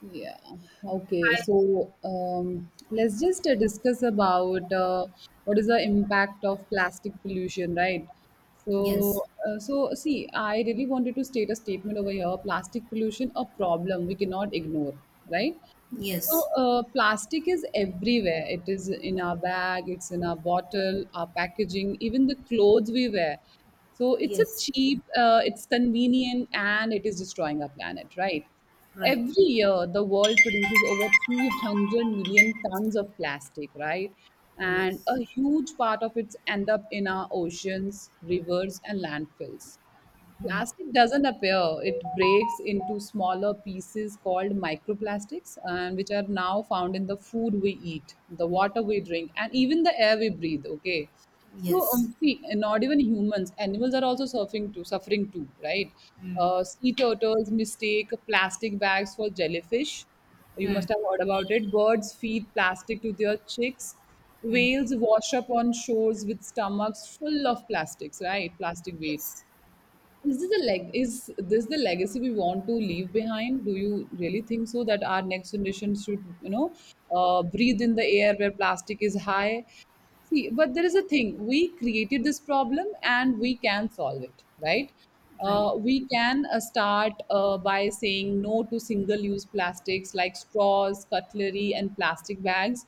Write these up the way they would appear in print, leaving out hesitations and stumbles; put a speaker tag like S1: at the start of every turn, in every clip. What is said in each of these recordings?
S1: Yeah. Okay. So let's just discuss about what is the impact of plastic pollution, right? So,
S2: Yes.
S1: so, see, I really wanted to state a statement over here: plastic pollution, a problem we cannot ignore, right? So,
S2: Yes.
S1: uh, plastic is everywhere. It is in our bag, it's in our bottle, our packaging, even the clothes we wear. So,
S2: Yes.
S1: it's convenient, and it is destroying our planet, right?
S2: Right.
S1: Every year, the world produces over 300 million tons of plastic, right? And a
S2: Yes.
S1: huge part of it end up in our oceans, rivers, and landfills.
S2: mm,
S1: Plastic doesn't appear. It breaks into smaller pieces called microplastics, and which are now found in the food we eat, the water we drink, and even the air we breathe. Okay, so
S2: yes.
S1: see, and not even humans, animals are also suffering too, right?
S2: mm,
S1: Sea turtles mistake plastic bags for jellyfish. You must
S2: mm,
S1: have heard about it. Birds feed plastic to their chicks.
S2: mm,
S1: Whales wash up on shores with stomachs full of plastics, right? Plastic weight.
S2: yes.
S1: Is this the leg? Is this the legacy we want to leave behind? Do you really think so that our next generation should breathe in the air where plastic is high? See, but there is a thing. We created this problem and we can solve it, right?
S2: Right.
S1: We can start by saying no to single use plastics like straws, cutlery, and plastic bags.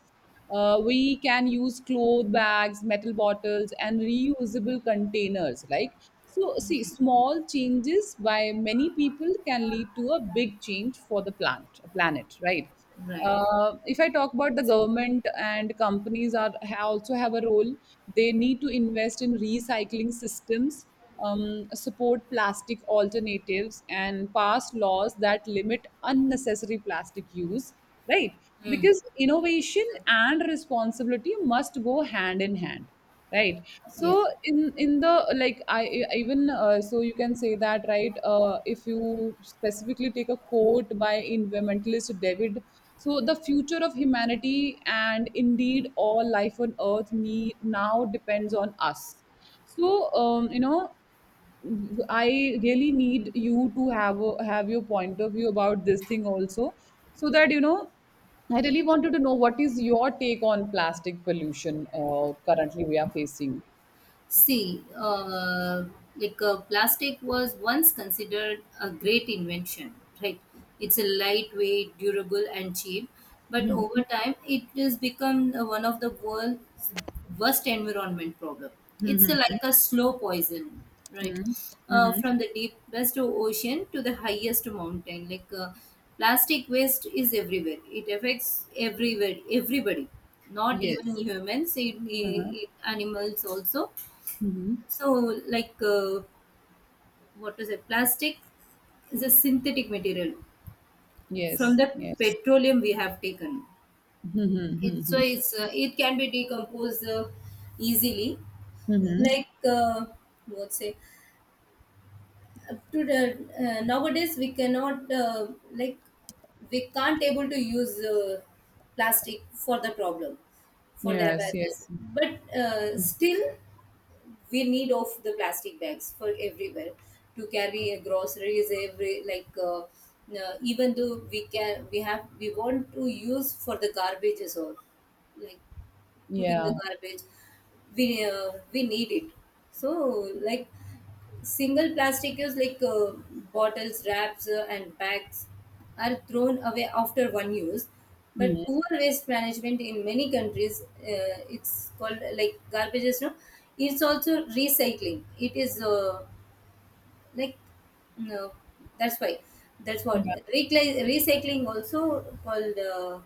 S1: We can use cloth bags, metal bottles, and reusable containers. Like, so, see, small changes by many people can lead to a big change for the planet, right?
S2: Right.
S1: If I talk about the government and companies are also have a role. They need to invest in recycling systems, support plastic alternatives, and pass laws that limit unnecessary plastic use. Right?
S2: mm,
S1: Because innovation and responsibility must go hand in hand, right?
S2: yes.
S1: So in the like I- even so you can say that, right? If you specifically take a quote by environmentalist David, so the future of humanity and indeed all life on earth need now depends on us. So um, you know I really need you to have your point of view about this thing also, so that you know. I really wanted to know what is your take on plastic pollution currently we are facing.
S2: See, plastic was once considered a great invention, right? It's a lightweight, durable, and cheap. But over
S1: Mhm.
S2: time, it has become one of the world's worst environment problem. It's
S1: Mhm.
S2: like a slow poison, right?
S1: Mhm. Mhm.
S2: From the deepest ocean to the highest mountain, plastic waste is everywhere. It affects everywhere, everybody, not even
S1: Yes.
S2: humans,
S1: Uh-huh.
S2: animals also.
S1: Mhm.
S2: So, what is it? Plastic is a synthetic material from
S1: Yes.
S2: the
S1: Yes.
S2: petroleum we have taken.
S1: Mhm. Mhm.
S2: It's it can be decomposed easily.
S1: Mhm.
S2: Like, uh, what's say up to the nowadays we cannot like we can't able to use plastic for the problem for the
S1: Yes.
S2: awareness,
S1: Yes.
S2: but still we need of the plastic bags for everywhere to carry groceries every even though we can we have we want to use for the garbages or like putting
S1: Yeah.
S2: the garbage we need it. So like single plastic use bottles, wraps, and bags are thrown away after one use. But
S1: Mhm.
S2: poor waste management in many countries, it's called like garbage is no. It's also recycling. It is like no, that's why. That's what recycling also called.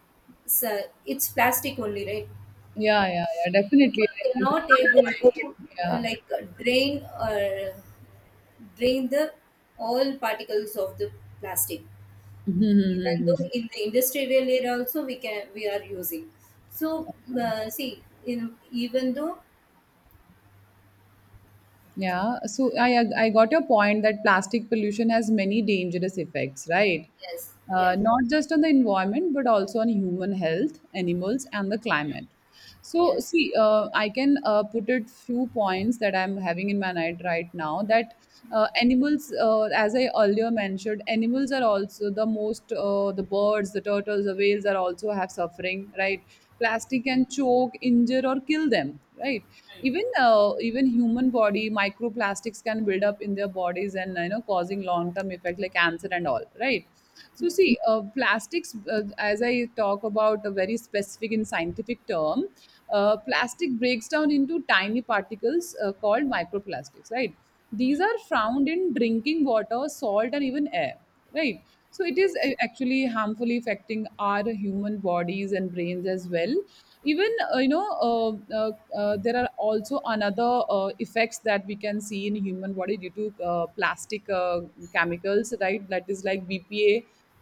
S2: So it's plastic only, right?
S1: Yeah. Yeah. Yeah.
S2: People
S1: Definitely.
S2: cannot able
S1: I-
S2: to uh,
S1: Yeah.
S2: like drain or drain the all particles of the plastic, even though
S1: Mhm.
S2: in the industrial area also we are using. So see, in even though.
S1: Yeah, so I got your point that plastic pollution has many dangerous effects, right?
S2: Yes, yeah.
S1: Not just on the environment, but also on human health, animals, and the climate. So,
S2: Yes.
S1: see, I can put it few points that I'm having in my mind right now. That animals, as I earlier mentioned, animals are also the birds, the turtles, the whales are also have suffering, right? Plastic can choke, injure, or kill them, right? Even human body microplastics can build up in their bodies, and you know, causing long term effect like cancer and all, right? So
S2: Yes.
S1: see, plastics as I talk about a very specific in scientific term. Plastic breaks down into tiny particles called microplastics, right? These are found in drinking water, salt, and even air, right? So it is
S2: Yes.
S1: actually harmfully affecting our human bodies and brains as well. Even there are also another effects that we can see in human body due to plastic chemicals, right? That is like BPA,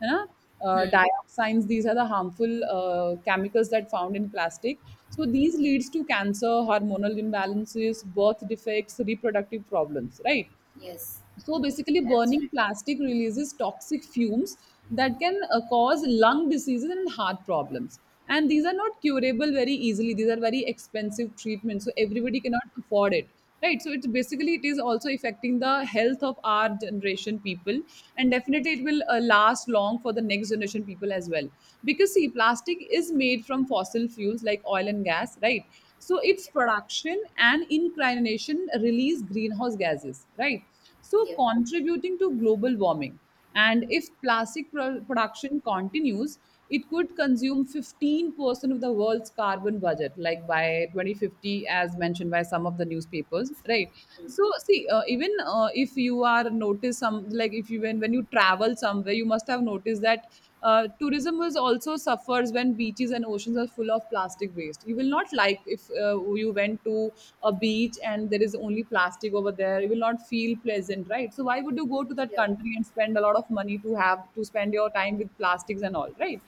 S1: you know,
S2: Hmm.
S1: dioxins. These are the harmful chemicals that found in plastic. So these leads to cancer, hormonal imbalances, birth defects, reproductive problems, right?
S2: Yes.
S1: So
S2: Yeah,
S1: basically, burning
S2: absolutely.
S1: plastic releases toxic fumes that can cause lung diseases and heart problems. And these are not curable very easily. These are very expensive treatments, so everybody cannot afford it, right? So it's basically, it is also affecting the health of our generation people, and definitely it will last long for the next generation people as well. Because see, plastic is made from fossil fuels like oil and gas, right? So its production and incrimination release greenhouse gases, right? So
S2: Yeah.
S1: contributing to global warming. And if plastic production continues, it could consume 15% of the world's carbon budget, like by 2050, as mentioned by some of the newspapers, right? So, see, even if you are notice some, like if you when you travel somewhere, you must have noticed that tourism is also suffers when beaches and oceans are full of plastic waste. You will not like if you went to a beach and there is only plastic over there. You will not feel pleasant, right? So why would you go to that
S2: Yeah.
S1: country and spend a lot of money to have to spend your time with plastics and all, right?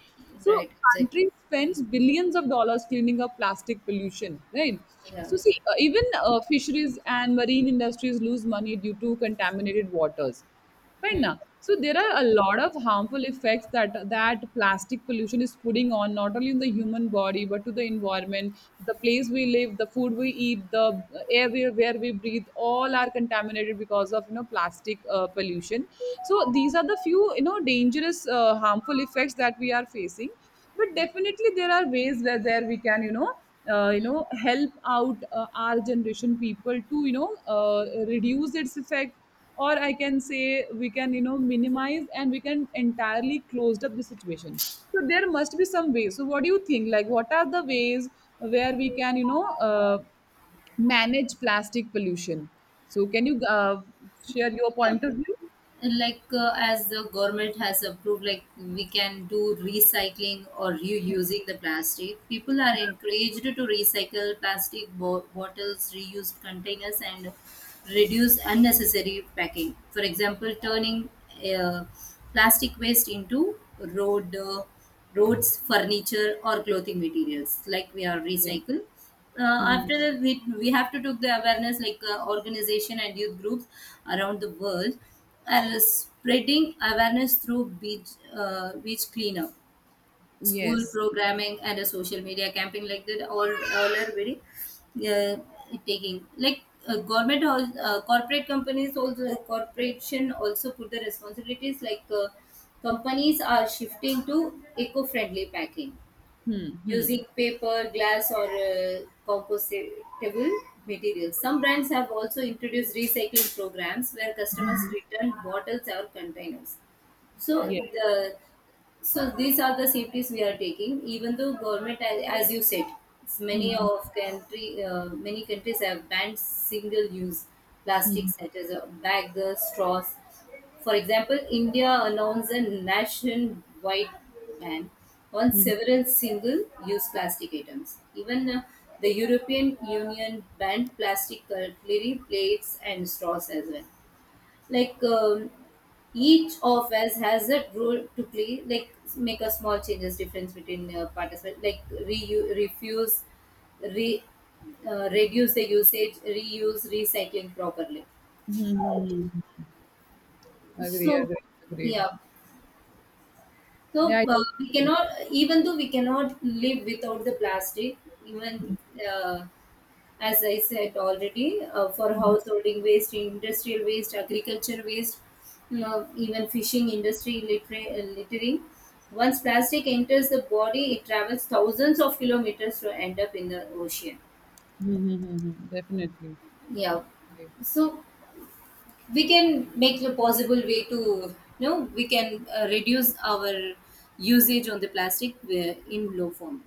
S2: Yeah,
S1: So
S2: right, exactly.
S1: country
S2: Hmm.
S1: spends billions of dollars cleaning up plastic pollution, right?
S2: Yeah.
S1: So see, even fisheries and marine industries lose money due to contaminated waters
S2: Hmm.
S1: right now. So there are a
S2: Right.
S1: lot of harmful effects that plastic pollution is putting on not only in the human body but to the environment. The place we live, the food we eat, the air we, where we breathe, all are contaminated because of plastic pollution. So these are the few dangerous harmful effects that we are facing. But definitely there are ways where there we can help out our generation people to reduce its effect. Or I can say we can minimize and we can entirely closed up the situation. So there must be some ways. So what do you think, like what are the ways where we can uh, manage plastic pollution? So can you share your
S2: Yeah,
S1: point of view?
S2: as the government has approved, like we can do recycling or reusing the plastic. People are encouraged to recycle plastic bottles, reused containers, and reduce unnecessary packing. For example, turning uh, plastic waste into road uh, roads, furniture, or clothing materials. Like we are
S1: Yeah.
S2: recycle. Uh,
S1: Hmm.
S2: After that, we have to take the awareness, organization and youth groups around the world are spreading awareness through beach cleanup, school
S1: Yes.
S2: programming, and a social media camping, like that all. All are very uh, taking. Government corporate companies also, corporation also put the responsibilities. Companies are shifting to eco-friendly packing,
S1: Hmm. Hmm.
S2: using paper, glass, or compostable materials. Some brands have also introduced recycling programs where customers
S1: Hmm.
S2: return bottles or containers. so
S1: Yeah.
S2: the so these are the safeties we are taking. Even though government, as you said, it's many
S1: Hmm.
S2: of country, many countries have banned single use
S1: Hmm.
S2: plastics such as a bag, the straws. For example, India announced a nationwide ban on
S1: Hmm.
S2: several single use plastic items. Even the European Union banned plastic cutlery, plates, and straws as well. like um, each of us has a role to play, like make a small changes difference between participants, like refuse, re reduce the usage, reuse, recycling properly.
S1: Hmm. Agree.
S2: So
S1: Agree. Agreed.
S2: yeah.
S1: Yeah,
S2: So
S1: I totally
S2: we
S1: agree.
S2: cannot, even though we cannot live without the plastic, even uh, as I said already, for householding waste, industrial waste, agriculture waste, you know, even fishing industry littering. Once plastic enters the body, it travels thousands of kilometers to end up in the ocean.
S1: Hmm. Hmm. Hmm. Hmm. Definitely.
S2: Yeah.
S1: Definitely.
S2: So we can make the possible way to, you know, we can reduce our usage on the plastic in low form.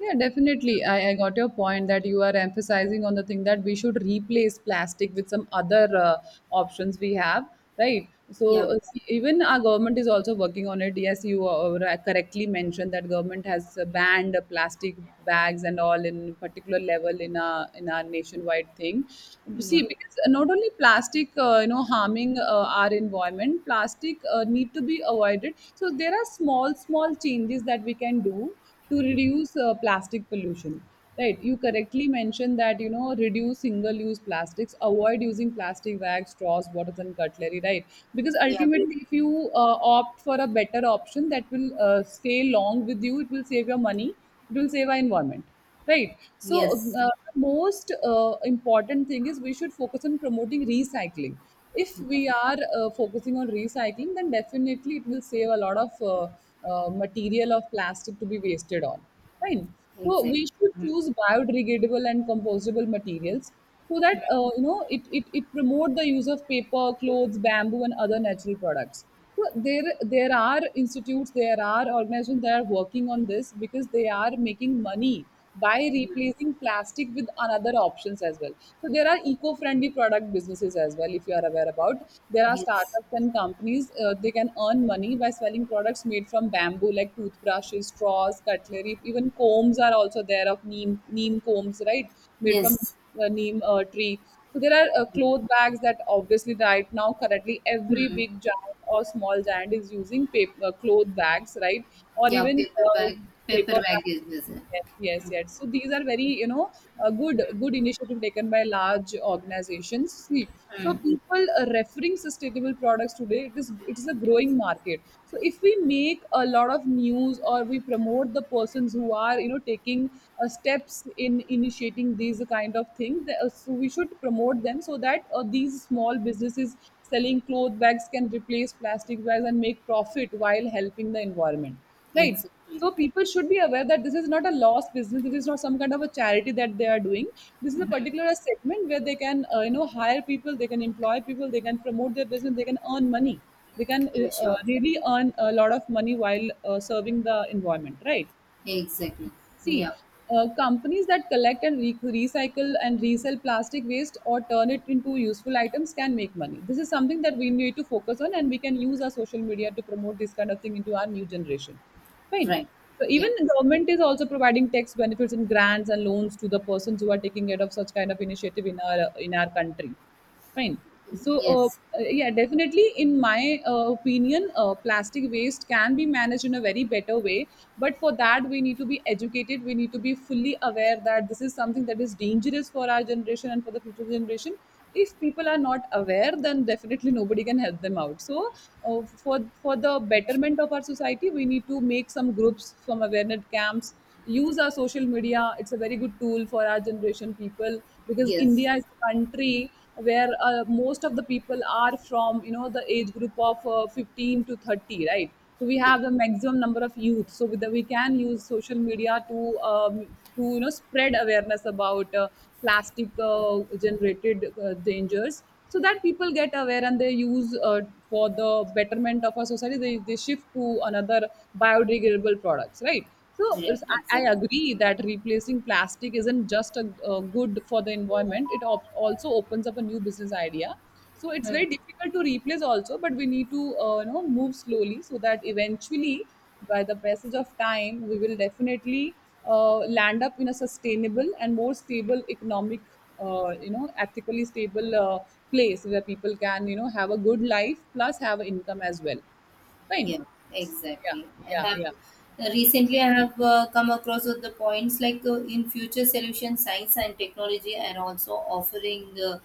S1: Yeah, definitely. I got your point that you are emphasizing on the thing that we should replace plastic with some other options we have, right? So
S2: Yeah.
S1: see, even our government is also working on it. Yes, you correctly mentioned that government has banned plastic bags and all in particular level in our nationwide thing. See,
S2: Yeah.
S1: because not only plastic, harming our environment, plastic need to be avoided. So there are small, small changes that we can do to reduce plastic pollution, right? You correctly mentioned that reduce single use plastics, avoid using plastic bags, straws, bottles, and cutlery, right? Because
S2: Yeah.
S1: ultimately if you opt for a better option that will stay long with you, it will save your money. It will save our environment. Right. So,
S2: Yes.
S1: the most important thing is we should focus on promoting recycling. If
S2: Yeah.
S1: we are focusing on recycling, then definitely it will save a lot of material of plastic to be wasted on. Fine. So, we
S2: Exactly.
S1: should to
S2: Mm.
S1: choose biodegradable and compostable materials so that it promote the use of paper clothes, bamboo, and other natural products. So there are institutes, there are organizations that are working on this because they are making money by replacing plastic with another options as well. So there are eco-friendly product businesses as well, if you are aware about. There are
S2: Yes.
S1: startups and companies, they can earn money by selling products made from bamboo like toothbrushes, straws, cutlery, even combs are also there, of neem combs, right? Made from
S2: Yes.
S1: neem tree. So there are cloth bags that obviously right now currently every
S2: Mm.
S1: big giant or small giant is using paper cloth bags, right? Or
S2: Yeah,
S1: even
S2: paper bag. Paper
S1: paper
S2: bag
S1: bags.
S2: is there.
S1: Yes, yes, yes. So these are very, a good initiative taken by large organizations. See, so
S2: Mm.
S1: people are referring sustainable products today. It is a growing market. So if we make a lot of news or we promote the persons who are taking steps in initiating these kind of thing, so we should promote them so that these small businesses selling cloth bags can replace plastic bags and make profit while helping the environment, right?
S2: Exactly.
S1: So people should be aware that this is not a lost business. This is not some kind of a charity that they are doing. This is a particular segment where they can hire people, they can employ people, they can promote their business, they can earn money. They can
S2: Yeah, sure.
S1: really earn a lot of money while serving the environment, right?
S2: Exactly.
S1: See,
S2: Yeah,
S1: companies that collect and recycle and resell plastic waste or turn it into useful items can make money. This is something that we need to focus on, and we can use our social media to promote this kind of thing into our new generation. Fine.
S2: right.
S1: So even
S2: Yeah.
S1: the government is also providing tax benefits and grants and loans to the persons who are taking care of such kind of initiative in our country. Fine. So
S2: Yes.
S1: yeah, definitely in my opinion plastic waste can be managed in a very better way. But for that we need to be educated, we need to be fully aware that this is something that is dangerous for our generation and for the future generation. If people are not aware, then definitely nobody can help them out. So for the betterment of our society we need to make some groups, some awareness camps. Use our social media, it's a very good tool for our generation people. Because
S2: Yes.
S1: India is a country where most of the people are from the age group of 15 to 30, right? So we
S2: E-
S1: have the maximum number of youth. So with the, we can use social media to spread awareness about plastic generated dangers. So that people get aware and they use for the betterment of our society they shift to another biodegradable products, right? So it's,
S2: right,
S1: I
S2: exactly.
S1: agree that replacing plastic isn't just a good for the environment, it also opens up a new business idea. So it's very
S2: Hmm.
S1: difficult to replace also, but we need to move slowly so that eventually by the passage of time we will definitely land up in a sustainable and more stable economic, ethically stable place where people can have a good life plus have an income as well. Fine.
S2: Yeah,
S1: Yeah,
S2: exactly. I
S1: yeah,
S2: have
S1: yeah.
S2: recently I have come across with the points in future solution, science and technology and also offering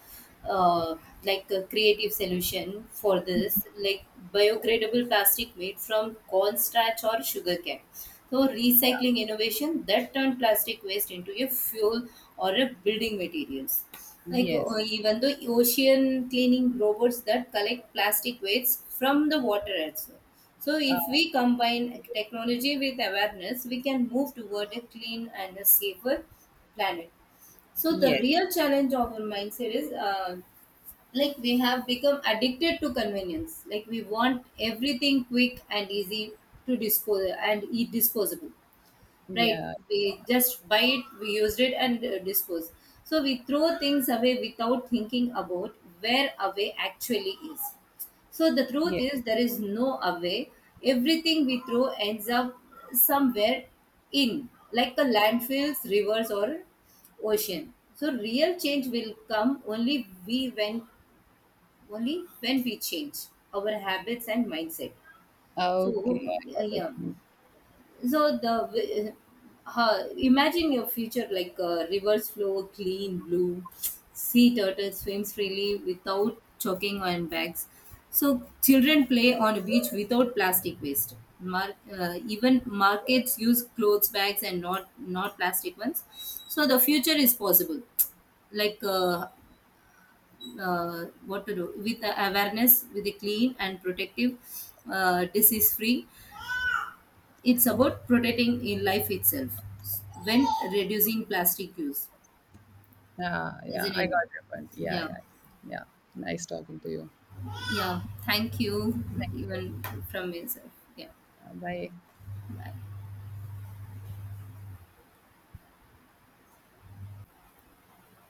S2: uh, a creative solution for this, like biodegradable plastic made from corn starch or sugar cane. So recycling innovation that turned plastic waste into a fuel or a building materials.
S1: Yes.
S2: Even the ocean cleaning robots that collect plastic waste from the water as well. So, if we
S1: uh,
S2: combine technology with awareness, we can move toward a clean and a safer planet. So, the
S1: yes.
S2: real challenge of our mindset is like we have become addicted to convenience. Like we want everything quick and easy to dispose and eat disposable, right?
S1: Yeah,
S2: We just buy it, we used it, and dispose. So we throw things away without thinking about where away actually is. So the truth
S1: yeah.
S2: is there is no away. Everything we throw ends up somewhere, in like the landfills, rivers, or ocean. So real change will come only when we change our habits and mindset.
S1: Okay,
S2: So
S1: I got your
S2: yeah.
S1: point.
S2: so the Imagine your future, rivers flow clean blue, sea turtle swims freely without choking on bags. So children play on a beach without plastic waste. Even markets use clothes bags and not plastic ones. So the future is possible. Like uh, what to do with the awareness, with the clean and protective, disease free. It's about protecting in life itself when reducing plastic use,
S1: Yeah, yeah,
S2: isn't
S1: I
S2: it?
S1: got your point. Yeah,
S2: Yeah,
S1: yeah, yeah. Nice talking to you.
S2: yeah. Thank you,
S1: Thank you.
S2: even from myself. Yeah.
S1: Bye.
S2: Bye.